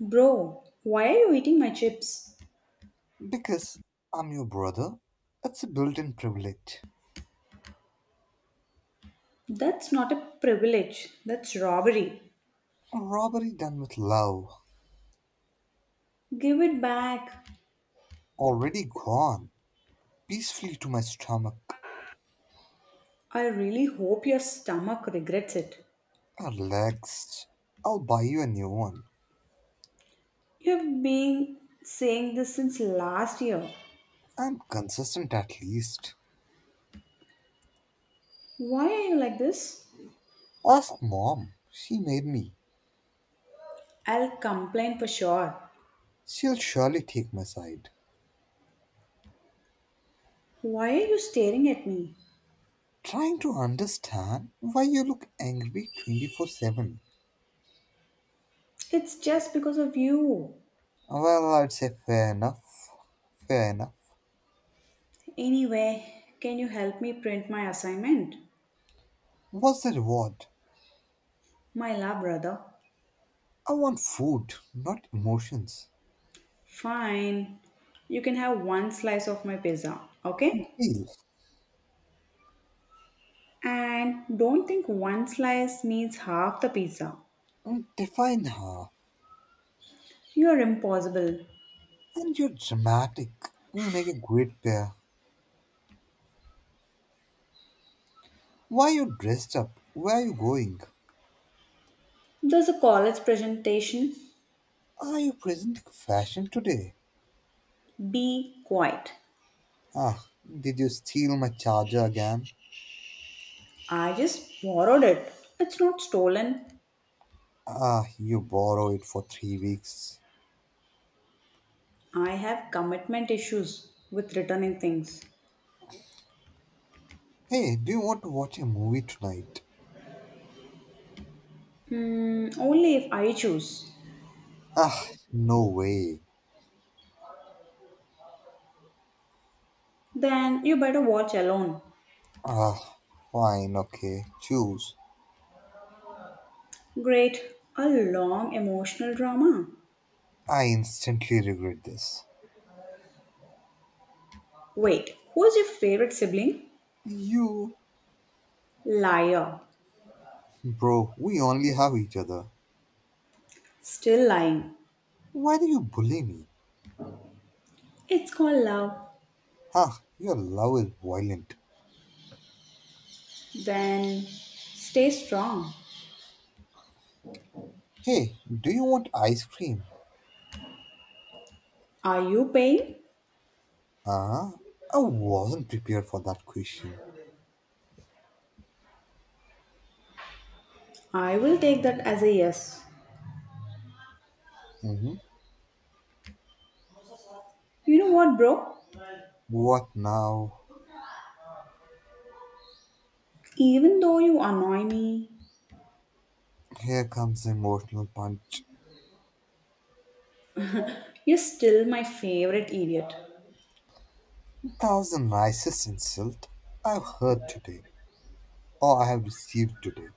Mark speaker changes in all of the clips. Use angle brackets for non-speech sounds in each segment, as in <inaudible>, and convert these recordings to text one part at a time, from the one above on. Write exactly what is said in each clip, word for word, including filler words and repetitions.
Speaker 1: Bro, why are you eating my chips?
Speaker 2: Because I'm your brother, it's a built in privilege.
Speaker 1: That's not a privilege, that's robbery.
Speaker 2: A robbery done with love,
Speaker 1: Give it back.
Speaker 2: already gone, peacefully to my stomach.
Speaker 1: I really hope your stomach regrets it.
Speaker 2: Relaxed. I'll buy you a new one.
Speaker 1: You've been saying this since last year.
Speaker 2: I'm consistent at least.
Speaker 1: Why are you like this?
Speaker 2: Ask Mom. She made me.
Speaker 1: I'll complain for sure.
Speaker 2: She'll surely take my side.
Speaker 1: Why are you staring at me?
Speaker 2: Trying to understand why you look angry twenty four seven.
Speaker 1: It's just because of you.
Speaker 2: Well, I'd say fair enough. Fair enough.
Speaker 1: Anyway, can you help me print my assignment?
Speaker 2: What's the reward?
Speaker 1: My love, brother.
Speaker 2: I want food, not emotions.
Speaker 1: Fine. You can have one slice of my pizza, okay?
Speaker 2: Deal.
Speaker 1: And don't think one slice needs half the pizza.
Speaker 2: I define her.
Speaker 1: You're impossible.
Speaker 2: And you're dramatic. We make a great pair. Why are you dressed up? Where are you going?
Speaker 1: There's a college presentation.
Speaker 2: Are you presenting fashion today?
Speaker 1: Be quiet.
Speaker 2: Ah, did you steal my charger again?
Speaker 1: I just borrowed it. It's not stolen.
Speaker 2: Ah, you borrow it for three weeks.
Speaker 1: I have commitment issues with returning things.
Speaker 2: Hey, do you want to watch a movie tonight?
Speaker 1: Hmm, only if I choose.
Speaker 2: Ah, no way.
Speaker 1: Then you better watch alone.
Speaker 2: Ah, fine, okay, choose.
Speaker 1: Great. A long emotional drama.
Speaker 2: I instantly regret this.
Speaker 1: Wait, who's your favorite sibling?
Speaker 2: You,
Speaker 1: Liar.
Speaker 2: bro, we only have each other.
Speaker 1: Still lying.
Speaker 2: Why do you bully me?
Speaker 1: It's called love.
Speaker 2: Ha! Your love is violent.
Speaker 1: Then stay strong.
Speaker 2: Hey, do you want ice cream?
Speaker 1: Are you paying?
Speaker 2: Ah, I wasn't prepared for that question.
Speaker 1: I will take that as a yes.
Speaker 2: Hmm.
Speaker 1: You know what, bro?
Speaker 2: What now?
Speaker 1: Even though you annoy me,
Speaker 2: Here comes the emotional punch.
Speaker 1: you're still my favorite idiot.
Speaker 2: That was the nicest insult I've heard today, or I have received today.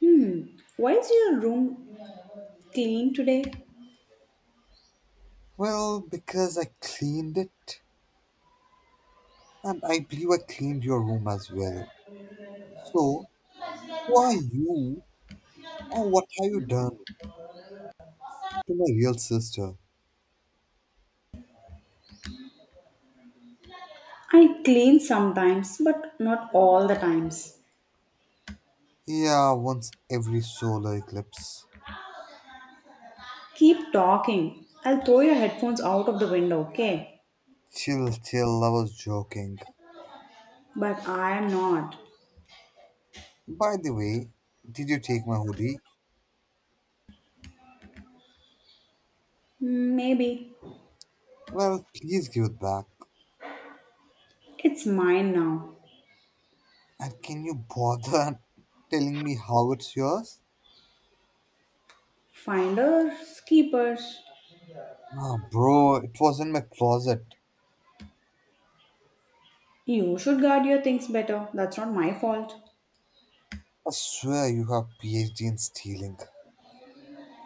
Speaker 1: Hmm, why is your room clean today?
Speaker 2: Well, because I cleaned it, and I believe I cleaned your room as well. So, who are you, and what have you done to my real sister?
Speaker 1: I clean sometimes, but not all the times.
Speaker 2: Yeah, once every solar eclipse.
Speaker 1: Keep talking. I'll throw your headphones out of the window, okay?
Speaker 2: Chill, chill, I was joking.
Speaker 1: But I am not.
Speaker 2: By the way, did you take my hoodie?
Speaker 1: Maybe.
Speaker 2: Well, please give it back.
Speaker 1: It's mine now.
Speaker 2: And can you bother <laughs> telling me how it's yours?
Speaker 1: Finders, keepers.
Speaker 2: Ah, bro, it was in my closet.
Speaker 1: You should guard your things better. That's not my fault.
Speaker 2: I swear you have PhD in stealing.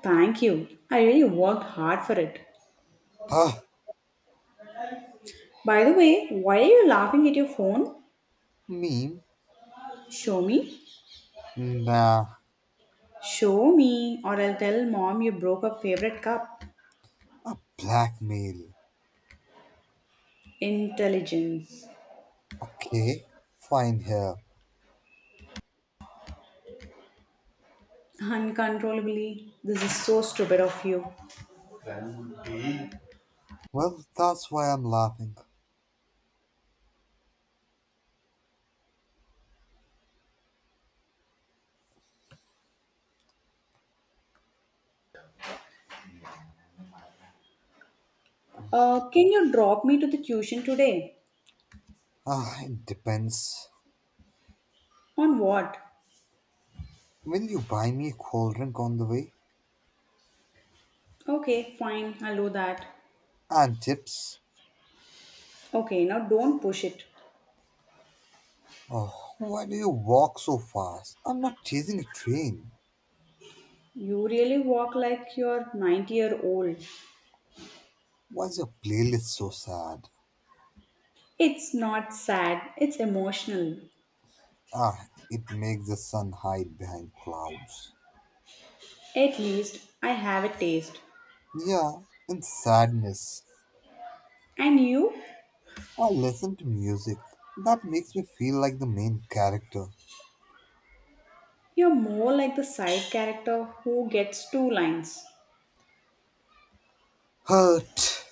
Speaker 1: Thank you. I really worked hard for it.
Speaker 2: Huh?
Speaker 1: By the way, why are you laughing at your phone?
Speaker 2: Meme?
Speaker 1: Show me.
Speaker 2: Nah,
Speaker 1: Show me, or I'll tell mom you broke her favorite cup.
Speaker 2: a blackmail.
Speaker 1: Intelligence.
Speaker 2: Okay, fine here.
Speaker 1: Uncontrollably. This is so stupid of you.
Speaker 2: Well, that's why I'm laughing.
Speaker 1: Uh, can you drop me to the tuition today?
Speaker 2: Ah, it depends.
Speaker 1: On what?
Speaker 2: Will you buy me a cold drink on the way?
Speaker 1: Okay, fine, I'll do that.
Speaker 2: And chips?
Speaker 1: Okay, now don't push it.
Speaker 2: Oh, why do you walk so fast? I'm not chasing a train.
Speaker 1: You really walk like you're ninety year old.
Speaker 2: Why is your playlist so sad?
Speaker 1: It's not sad, it's emotional.
Speaker 2: Ah, it makes the sun hide behind clouds.
Speaker 1: At least I have a taste.
Speaker 2: Yeah, in sadness,
Speaker 1: And you?
Speaker 2: I listen to music. That makes me feel like the main character.
Speaker 1: You're more like the side character who gets two lines.
Speaker 2: Hurt.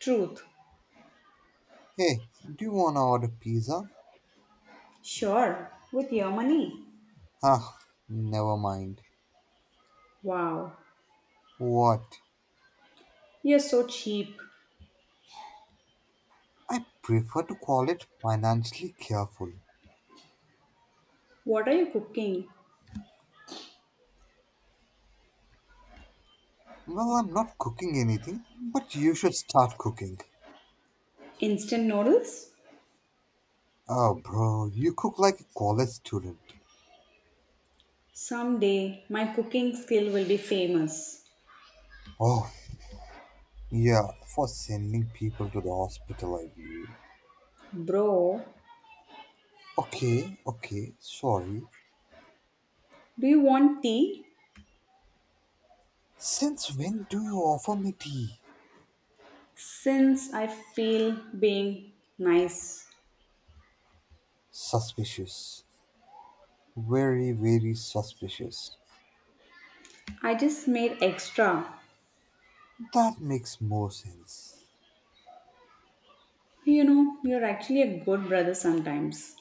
Speaker 1: Truth.
Speaker 2: Hey, do you wanna order pizza?
Speaker 1: Sure, with your money.
Speaker 2: Ah, never mind.
Speaker 1: Wow,
Speaker 2: What?
Speaker 1: you're so cheap.
Speaker 2: I prefer to call it financially careful.
Speaker 1: What are you cooking?
Speaker 2: Well, I'm not cooking anything, but you should start cooking.
Speaker 1: Instant noodles?
Speaker 2: Oh, bro, you cook like a college student.
Speaker 1: Someday my cooking skill will be famous.
Speaker 2: Oh, yeah, for sending people to the hospital, I believe.
Speaker 1: Bro,
Speaker 2: Okay, okay, sorry.
Speaker 1: do you want tea?
Speaker 2: Since when do you offer me tea?
Speaker 1: Since I feel being nice,
Speaker 2: Suspicious. Very, very suspicious.
Speaker 1: I just made extra.
Speaker 2: That makes more sense.
Speaker 1: You know, you're actually a good brother sometimes.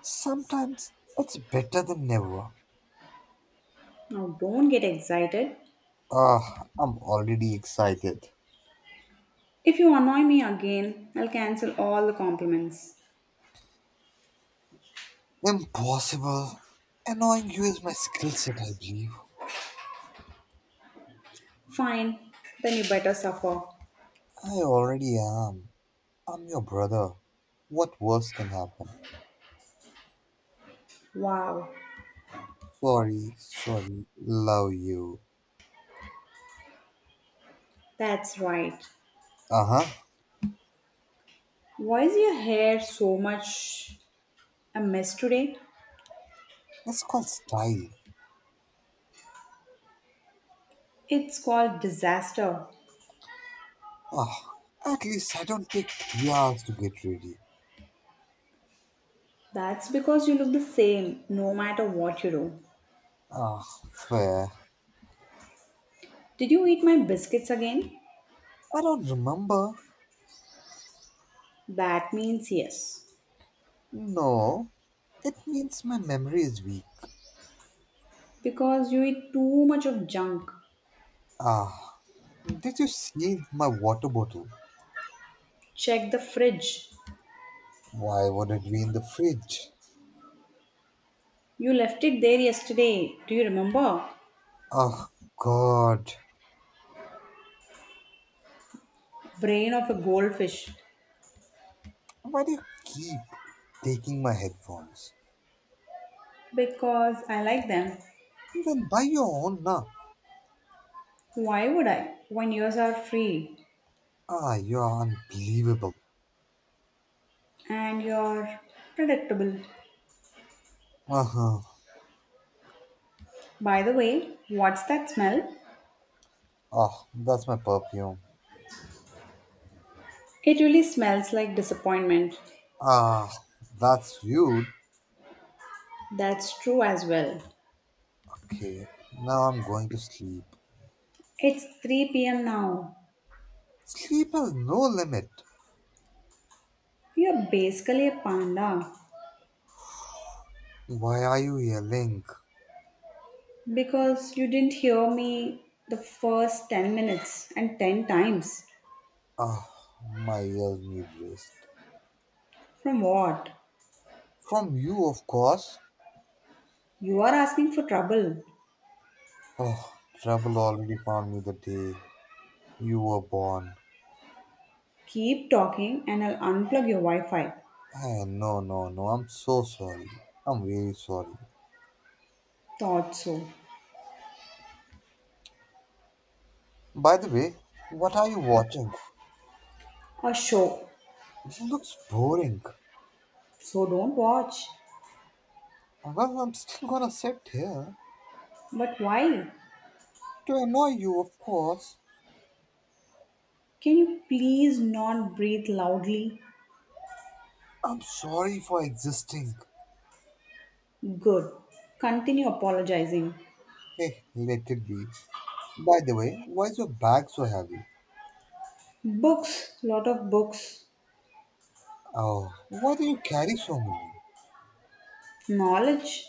Speaker 2: Sometimes it's better than never.
Speaker 1: Now, don't get excited.
Speaker 2: Ah, I'm already excited.
Speaker 1: If you annoy me again, I'll cancel all the compliments.
Speaker 2: Impossible. Annoying you is my skill set, I believe.
Speaker 1: Fine, then you better suffer.
Speaker 2: I already am. I'm your brother. What worse can happen?
Speaker 1: Wow,
Speaker 2: Sorry, sorry, love you.
Speaker 1: that's right.
Speaker 2: Uh huh.
Speaker 1: Why is your hair so much a mess today?
Speaker 2: That's called style.
Speaker 1: It's called disaster.
Speaker 2: Ah, at least I don't take three hours to get ready.
Speaker 1: That's because you look the same no matter what you do.
Speaker 2: Ah, fair.
Speaker 1: Did you eat my biscuits again?
Speaker 2: I don't remember.
Speaker 1: That means yes.
Speaker 2: No, it means my memory is weak.
Speaker 1: Because you eat too much of junk.
Speaker 2: Ah, did you see my water bottle?
Speaker 1: Check the fridge.
Speaker 2: Why would it be in the fridge?
Speaker 1: You left it there yesterday. Do you remember?
Speaker 2: Ah, God.
Speaker 1: Brain of a goldfish.
Speaker 2: Why do you keep taking my headphones?
Speaker 1: Because I like them.
Speaker 2: Then buy your own now.
Speaker 1: Why would I? When yours are free
Speaker 2: Ah, you are unbelievable.
Speaker 1: and you're predictable.
Speaker 2: Uh-huh.
Speaker 1: By the way, what's that smell?
Speaker 2: Oh, that's my perfume.
Speaker 1: It really smells like disappointment.
Speaker 2: Ah, that's you.
Speaker 1: That's true as well.
Speaker 2: Okay, now I'm going to sleep.
Speaker 1: It's three p m now.
Speaker 2: Sleep has no limit.
Speaker 1: You're basically a panda
Speaker 2: Why are you yelling?
Speaker 1: because you didn't hear me the first ten minutes and ten times.
Speaker 2: Ah, my ears need rest.
Speaker 1: From what?
Speaker 2: From you, of course.
Speaker 1: You are asking for trouble.
Speaker 2: Oh, trouble already found me the day you were born.
Speaker 1: Keep talking and I'll unplug your Wi Fi.
Speaker 2: Eh, no, no, no, I'm so sorry. I'm really sorry.
Speaker 1: Thought so.
Speaker 2: By the way, what are you watching?
Speaker 1: A show.
Speaker 2: It looks boring.
Speaker 1: So don't watch.
Speaker 2: Well, I'm still gonna sit here.
Speaker 1: But why?
Speaker 2: To annoy you, of course.
Speaker 1: Can you please not breathe loudly?
Speaker 2: I'm sorry for existing.
Speaker 1: Good. Continue apologizing.
Speaker 2: Hey, let it be. By the way, why is your bag so heavy?
Speaker 1: Books. Lot of books.
Speaker 2: Oh, why do you carry so many?
Speaker 1: Knowledge.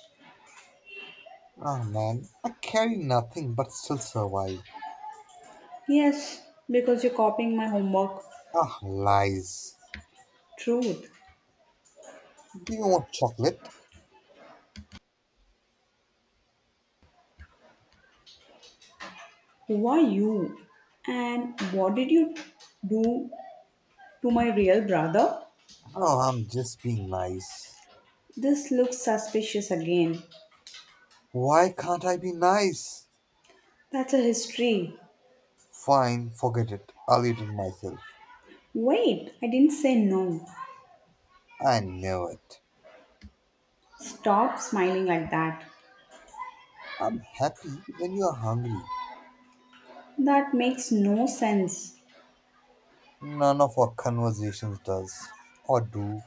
Speaker 2: Ah, man, I carry nothing but still survive.
Speaker 1: Yes, because you're copying my homework.
Speaker 2: Ah, lies.
Speaker 1: Truth.
Speaker 2: Do you want chocolate?
Speaker 1: Who are you? And what did you do to my real brother?
Speaker 2: Oh, I'm just being nice.
Speaker 1: This looks suspicious again.
Speaker 2: Why can't I be nice?
Speaker 1: That's a history.
Speaker 2: Fine, forget it. I'll eat it myself.
Speaker 1: Wait, I didn't say no.
Speaker 2: I know it.
Speaker 1: Stop smiling like that.
Speaker 2: I'm happy when you are hungry.
Speaker 1: That makes no sense.
Speaker 2: None of our conversations does or do.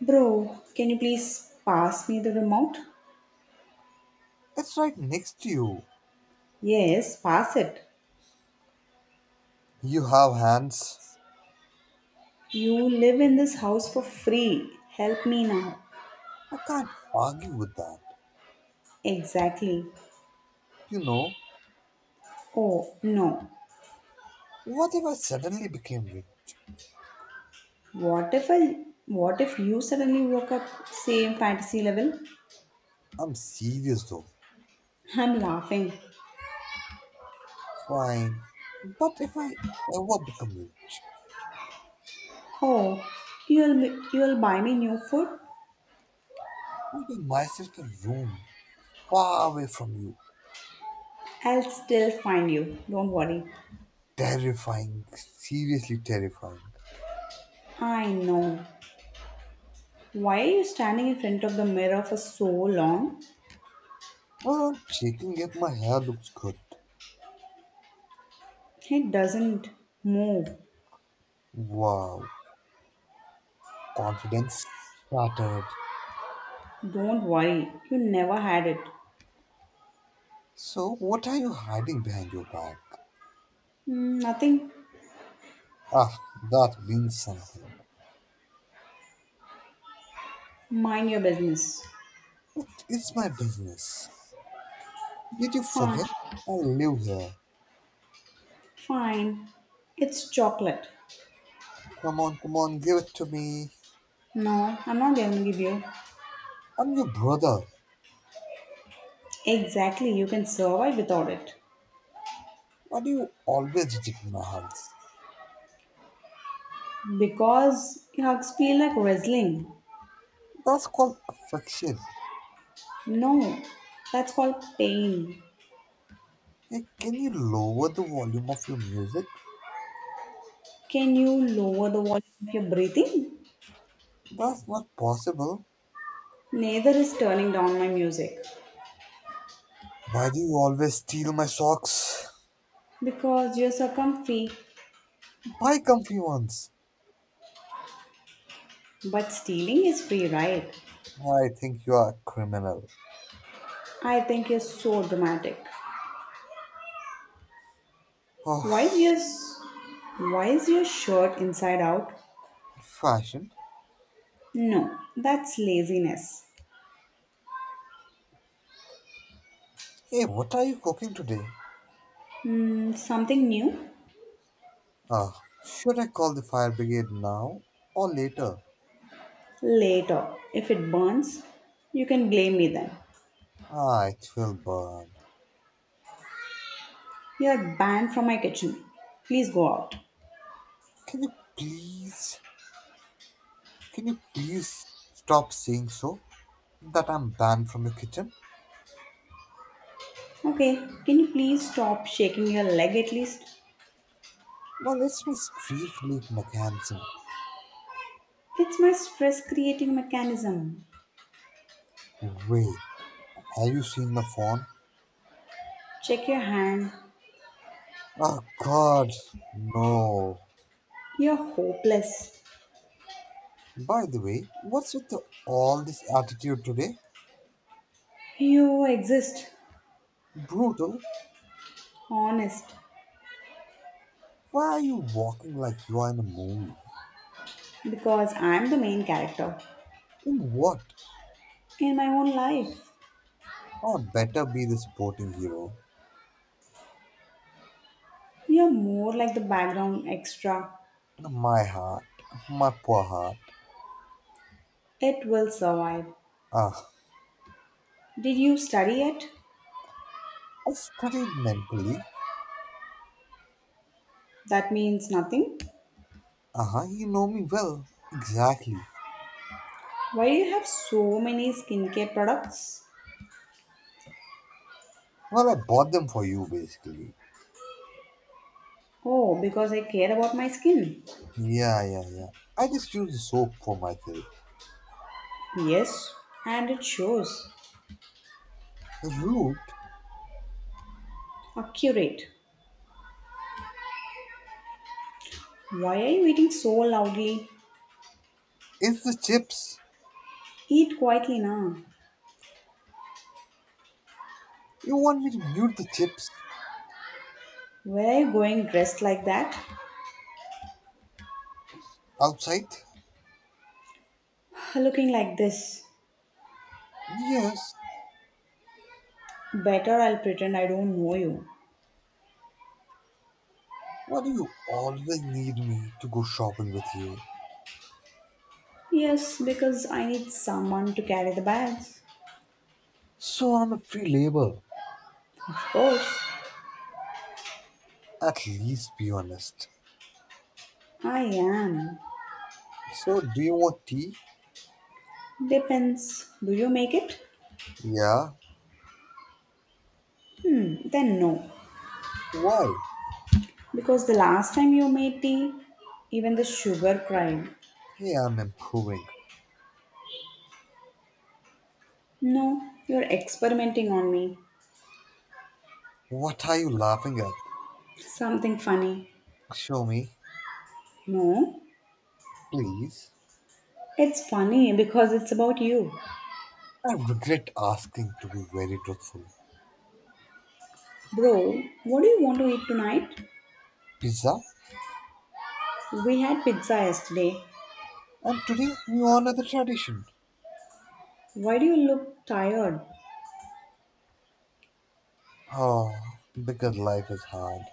Speaker 1: Bro, can you please pass me the remote?
Speaker 2: It's right next to you.
Speaker 1: Yes, pass it.
Speaker 2: You have hands.
Speaker 1: You live in this house for free. Help me now.
Speaker 2: I can't argue with that.
Speaker 1: Exactly.
Speaker 2: You know,
Speaker 1: Oh, no.
Speaker 2: what if I suddenly became rich?
Speaker 1: What if I what if you suddenly woke up same fantasy level?
Speaker 2: I'm serious though.
Speaker 1: I'm laughing.
Speaker 2: Fine. But if I ever become rich,
Speaker 1: Oh, you'll be- you'll buy me new food?
Speaker 2: I'll give myself a room far away from you.
Speaker 1: I'll still find you. Don't worry.
Speaker 2: Terrifying. Seriously terrifying.
Speaker 1: I know. Why are you standing in front of the mirror for so long?
Speaker 2: Well, I'm checking if my hair looks good.
Speaker 1: It doesn't move.
Speaker 2: Wow. Confidence shattered.
Speaker 1: Don't worry, you never had it.
Speaker 2: So, what are you hiding behind your back?
Speaker 1: Mm, nothing.
Speaker 2: Ah, that means something.
Speaker 1: Mind your business.
Speaker 2: It is my business. Did you
Speaker 1: Fine,
Speaker 2: forget? I live here.
Speaker 1: fine. It's chocolate.
Speaker 2: Come on, come on, give it to me.
Speaker 1: No, I'm not going to give you.
Speaker 2: I'm your brother.
Speaker 1: Exactly, you can survive without it.
Speaker 2: Why do you always reject my hugs?
Speaker 1: Because hugs feel like wrestling.
Speaker 2: That's called affection.
Speaker 1: No, that's called pain.
Speaker 2: Hey, can you lower the volume of your music?
Speaker 1: Can you lower the volume of your breathing?
Speaker 2: That's not possible.
Speaker 1: Neither is turning down my music.
Speaker 2: Why do you always steal my socks?
Speaker 1: Because you're succumb free,
Speaker 2: Buy comfy ones.
Speaker 1: but stealing is free, right?
Speaker 2: I think you are a criminal.
Speaker 1: I think you're so dramatic. Why is
Speaker 2: Oh,
Speaker 1: your why is your shirt inside out?
Speaker 2: fashion.
Speaker 1: No, that's laziness.
Speaker 2: Hey, what are you cooking today?
Speaker 1: Hmm, something new?
Speaker 2: Ah, should I call the fire brigade now or later?
Speaker 1: Later. If it burns, you can blame me then.
Speaker 2: Ah, it will burn.
Speaker 1: You're banned from my kitchen. Please go out.
Speaker 2: Can you please, can you please stop saying so that I'm banned from your kitchen?
Speaker 1: Okay, can you please stop shaking your leg at least?
Speaker 2: Now let's be street leaf mechanism.
Speaker 1: It's my stress creating mechanism.
Speaker 2: Wait, have you seen my phone?
Speaker 1: Check your hand.
Speaker 2: Oh God, no.
Speaker 1: You're hopeless.
Speaker 2: By the way, what's with the, all this attitude today?
Speaker 1: You exist,
Speaker 2: Brutal.
Speaker 1: honest,
Speaker 2: Why are you walking like you are in a movie?
Speaker 1: because I'm the main character
Speaker 2: In what?
Speaker 1: in my own life.
Speaker 2: Oh, better be the sporting hero.
Speaker 1: You're more like the background extra.
Speaker 2: My heart, my poor heart.
Speaker 1: It will survive.
Speaker 2: Ah,
Speaker 1: Did you study it?
Speaker 2: I studied mentally.
Speaker 1: That means nothing.
Speaker 2: Uh huh, you know me well. Exactly.
Speaker 1: Why do you have so many skincare products?
Speaker 2: Well, I bought them for you basically.
Speaker 1: Oh, because I care about my skin.
Speaker 2: Yeah, yeah, yeah. I just use the soap for myself.
Speaker 1: Yes, and it shows.
Speaker 2: The root
Speaker 1: Accurate. Why are you eating so loudly?
Speaker 2: is the chips.
Speaker 1: Eat quietly now.
Speaker 2: You want me to mute the chips
Speaker 1: Where are you going dressed like that?
Speaker 2: outside?
Speaker 1: <sighs> Looking like this.
Speaker 2: Yes.
Speaker 1: Better I'll pretend I don't know you.
Speaker 2: Why do you always need me to go shopping with you?
Speaker 1: Yes, because I need someone to carry the bags.
Speaker 2: So I'm a free labor.
Speaker 1: Of course.
Speaker 2: At least be honest.
Speaker 1: I am.
Speaker 2: So, do you want tea?
Speaker 1: Depends. Do you make it?
Speaker 2: Yeah.
Speaker 1: Hmm, then no.
Speaker 2: Why?
Speaker 1: Because the last time you made tea, even the sugar cried.
Speaker 2: Hey, I'm improving.
Speaker 1: No, you're experimenting on me.
Speaker 2: What are you laughing at?
Speaker 1: Something funny.
Speaker 2: Show me,
Speaker 1: No,
Speaker 2: please.
Speaker 1: it's funny because it's about you.
Speaker 2: I regret asking to be very truthful.
Speaker 1: Bro, what do you want to eat tonight?
Speaker 2: Pizza?
Speaker 1: We had pizza yesterday.
Speaker 2: And today we honor the tradition.
Speaker 1: Why do you look tired?
Speaker 2: Oh, because life is hard.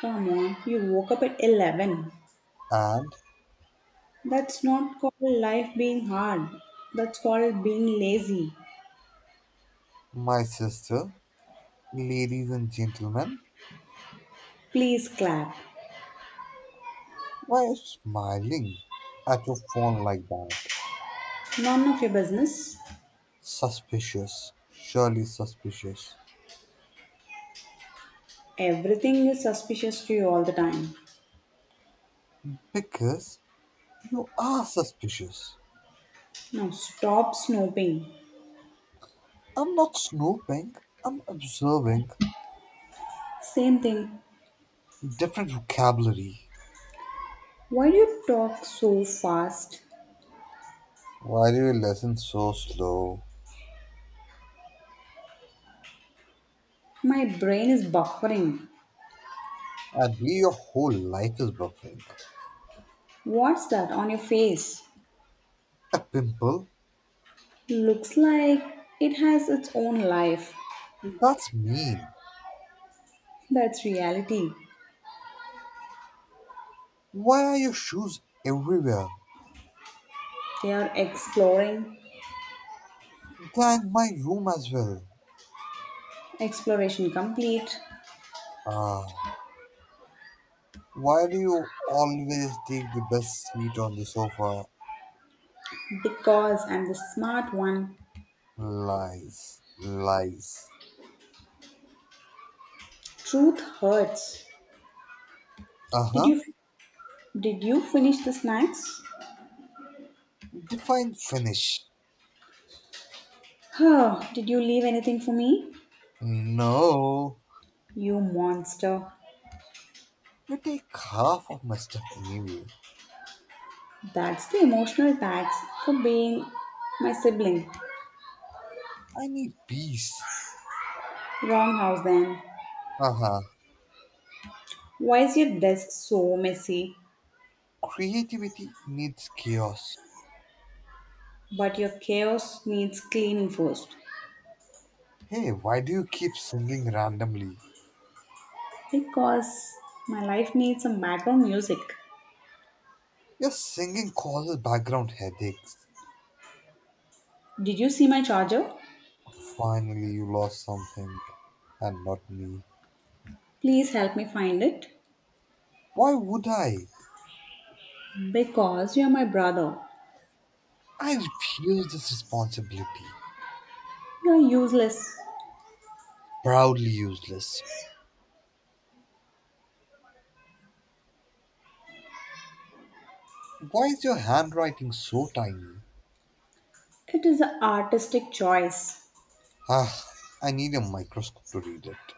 Speaker 1: Come on, you woke up at eleven.
Speaker 2: And
Speaker 1: That's not called life being hard. That's called being lazy.
Speaker 2: my sister, ladies and gentlemen,
Speaker 1: Please clap.
Speaker 2: why are you smiling at your phone like that?
Speaker 1: None of your business.
Speaker 2: Suspicious. Surely suspicious.
Speaker 1: Everything is suspicious to you all the time.
Speaker 2: Because you are suspicious.
Speaker 1: Now stop snooping.
Speaker 2: I'm not snooping. I'm observing.
Speaker 1: Same thing.
Speaker 2: Different vocabulary.
Speaker 1: Why do you talk so fast?
Speaker 2: Why do you listen so slow?
Speaker 1: My brain is buffering.
Speaker 2: I believe your whole life is buffering.
Speaker 1: What's that on your face?
Speaker 2: A pimple?
Speaker 1: Looks like it has its own life.
Speaker 2: That's mean.
Speaker 1: That's reality.
Speaker 2: Why are your shoes everywhere?
Speaker 1: They are exploring,
Speaker 2: And my room as well.
Speaker 1: exploration complete.
Speaker 2: Ah, why do you always take the best seat on the sofa?
Speaker 1: Because I'm the smart one.
Speaker 2: Lies, lies.
Speaker 1: Truth hurts.
Speaker 2: Uh
Speaker 1: Did
Speaker 2: huh.
Speaker 1: you did you finish the snacks?
Speaker 2: Define finish.
Speaker 1: Huh, did you leave anything for me?
Speaker 2: No,
Speaker 1: You monster.
Speaker 2: you take half of my stuff anyway.
Speaker 1: That's the emotional tax for being my sibling.
Speaker 2: I need peace.
Speaker 1: Wrong house then.
Speaker 2: Uh huh.
Speaker 1: Why is your desk so messy?
Speaker 2: Creativity needs chaos.
Speaker 1: But your chaos needs cleaning first.
Speaker 2: Hey, why do you keep singing randomly?
Speaker 1: Because my life needs some background music.
Speaker 2: Your singing causes background headaches.
Speaker 1: Did you see my charger?
Speaker 2: Finally, you lost something, and not me.
Speaker 1: Please help me find it.
Speaker 2: Why would I?
Speaker 1: Because you're my brother.
Speaker 2: I refuse this responsibility.
Speaker 1: You're useless.
Speaker 2: Proudly useless. Why is your handwriting so tiny?
Speaker 1: It is an artistic choice.
Speaker 2: Ah, I need a microscope to read it.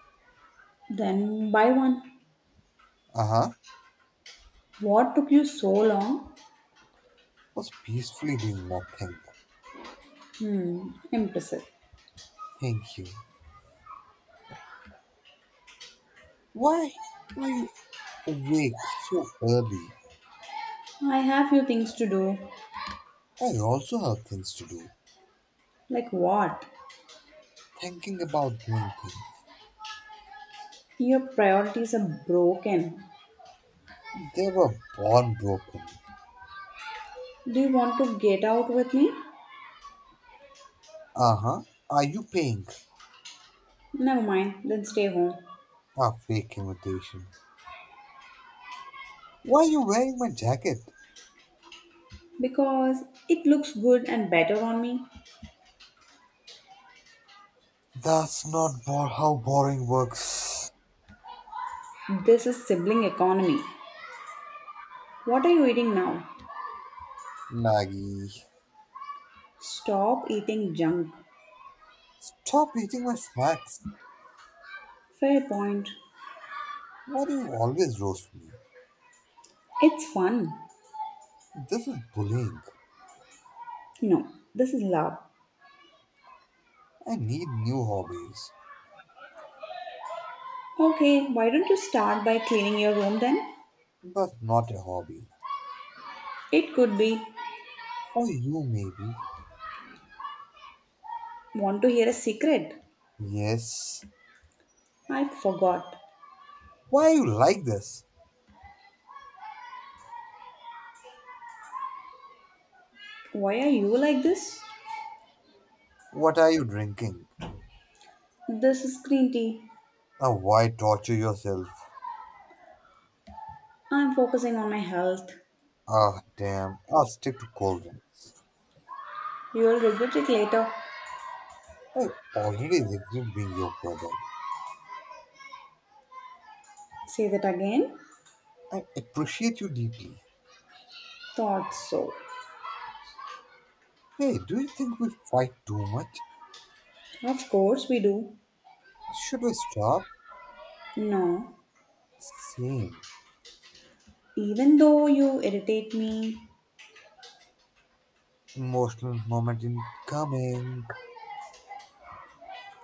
Speaker 1: Then buy one.
Speaker 2: Uh huh.
Speaker 1: What took you so long?
Speaker 2: Was peacefully doing nothing.
Speaker 1: Hmm, impressive.
Speaker 2: Thank you. Why are you awake so early?
Speaker 1: I have few things to do.
Speaker 2: I also have things to do.
Speaker 1: Like what?
Speaker 2: Thinking about doing things.
Speaker 1: Your priorities are broken.
Speaker 2: They were born broken.
Speaker 1: Do you want to get out with me?
Speaker 2: Uh huh. Are you paying?
Speaker 1: Never mind, then stay home.
Speaker 2: A fake invitation. Why are you wearing my jacket?
Speaker 1: Because it looks good and better on me.
Speaker 2: That's not bo- How boring works.
Speaker 1: This is sibling economy. What are you eating now?
Speaker 2: Maggie.
Speaker 1: Stop eating junk.
Speaker 2: Stop eating my snacks.
Speaker 1: Fair point.
Speaker 2: Why do you always roast me?
Speaker 1: It's fun.
Speaker 2: This is bullying.
Speaker 1: No, this is love.
Speaker 2: I need new hobbies.
Speaker 1: Okay, why don't you start by cleaning your room then?
Speaker 2: But not a hobby.
Speaker 1: It could be.
Speaker 2: For you, maybe.
Speaker 1: Want to hear a secret?
Speaker 2: Yes.
Speaker 1: I forgot.
Speaker 2: Why are you like this?
Speaker 1: Why are you like this?
Speaker 2: What are you drinking?
Speaker 1: This is green tea.
Speaker 2: Now, why torture yourself?
Speaker 1: I'm focusing on my health.
Speaker 2: Ah, damn. I'll stick to cold drinks.
Speaker 1: You'll regret it later.
Speaker 2: I already regret being your brother.
Speaker 1: Say that again?
Speaker 2: I appreciate you deeply.
Speaker 1: Thought so.
Speaker 2: Hey, do you think we fight too much?
Speaker 1: Of course we do.
Speaker 2: Should we stop?
Speaker 1: No.
Speaker 2: Same.
Speaker 1: Even though you irritate me,
Speaker 2: Emotional moment incoming.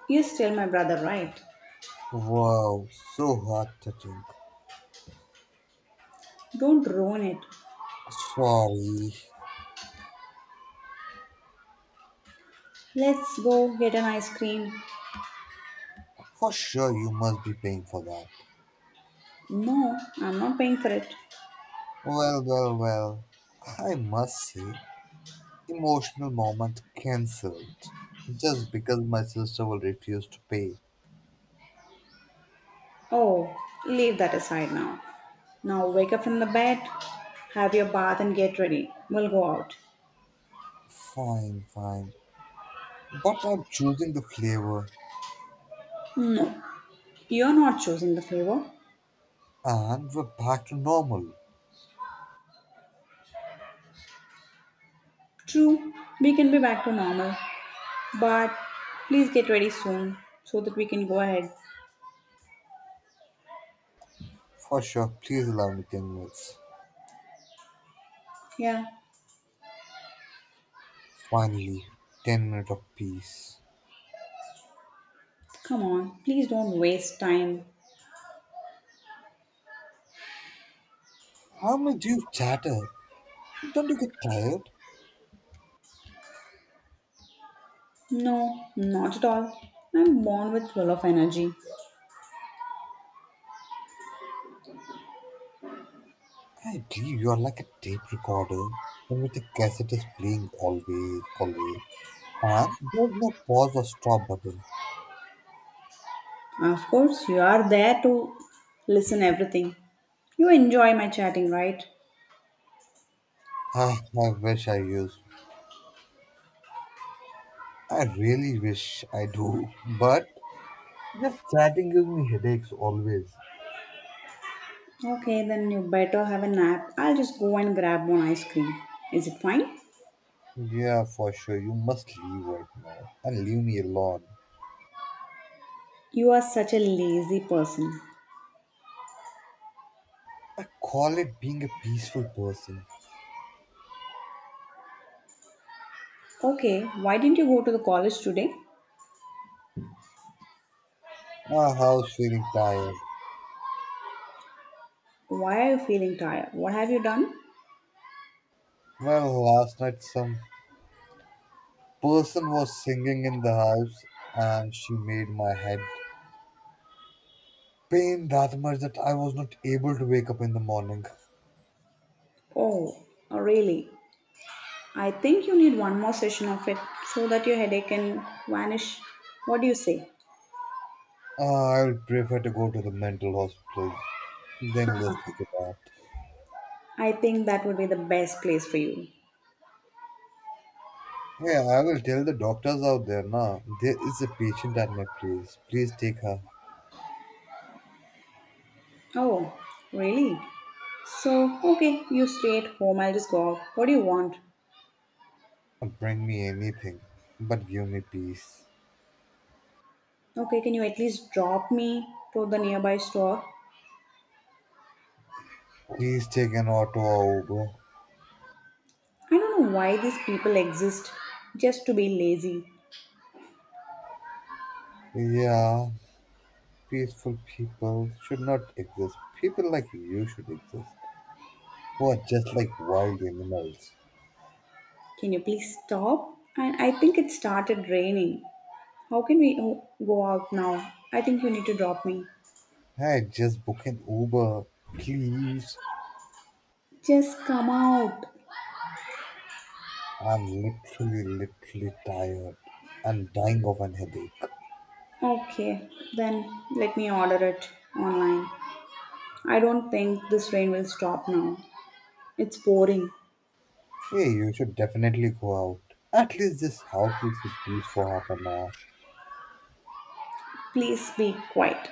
Speaker 1: you're still my brother, right?
Speaker 2: Wow, so heart touching.
Speaker 1: Don't ruin it.
Speaker 2: Sorry.
Speaker 1: Let's go get an ice cream.
Speaker 2: For sure, you must be paying for that.
Speaker 1: No, I'm not paying for it.
Speaker 2: Well, well, well. I must say, emotional moment cancelled. Just because my sister will refuse to pay.
Speaker 1: Oh, leave that aside now. Now wake up from the bed, have your bath, and get ready. We'll go out.
Speaker 2: Fine, fine. But I'm choosing the flavor
Speaker 1: No, you're not choosing the favor.
Speaker 2: and we're back to normal.
Speaker 1: True, we can be back to normal, but please get ready soon so that we can go ahead.
Speaker 2: For sure, please allow me ten minutes.
Speaker 1: Yeah,
Speaker 2: Finally, ten minutes of peace.
Speaker 1: come on, please don't waste time.
Speaker 2: How much do you chatter? Don't you get tired?
Speaker 1: No, not at all. I'm born with full of energy.
Speaker 2: I believe you are like a tape recorder in which the cassette is playing always, always. And there's no pause or stop button.
Speaker 1: Of course, you are there to listen everything. You enjoy my chatting, right?
Speaker 2: I, I wish I used I really wish I do, but just chatting gives me headaches always.
Speaker 1: Okay, then you better have a nap. I'll just go and grab one ice cream. Is it fine?
Speaker 2: Yeah, for sure, you must leave right now and leave me alone.
Speaker 1: You are such a lazy person.
Speaker 2: I call it being a peaceful person.
Speaker 1: Okay, why didn't you go to the college today?
Speaker 2: My house feeling tired.
Speaker 1: Why are you feeling tired? What have you done?
Speaker 2: Well, last night some person was singing in the house and she made my head pain that much that I was not able to wake up in the morning.
Speaker 1: Oh, oh, really? I think you need one more session of it so that your headache can vanish. What do you say?
Speaker 2: Uh, i would prefer to go to the mental hospital than listen to that.
Speaker 1: I think that would be the best place for you.
Speaker 2: Hey, I will tell the doctors out there, nah, there is a patient at my place. Please take her.
Speaker 1: Oh, really? So, okay, you stay at home. I'll just go out. What do you want?
Speaker 2: Bring me anything, but give me peace.
Speaker 1: Okay, can you at least drop me to the nearby store?
Speaker 2: Please take an auto or Uber.
Speaker 1: I don't know why these people exist just to be lazy.
Speaker 2: Yeah, peaceful people should not exist. People like you should exist, who are just like wild animals.
Speaker 1: Can you please stop? And I think it started raining. How can we o- go out now? I think you need to drop me.
Speaker 2: Hey, just book an Uber, please.
Speaker 1: Just come out.
Speaker 2: I'm literally, literally tired. I'm dying of an headache.
Speaker 1: Okay, then let me order it online. I don't think this rain will stop now. It's pouring.
Speaker 2: Hey, you should definitely go out. At least this house will sit peace for half an hour.
Speaker 1: Please be quiet.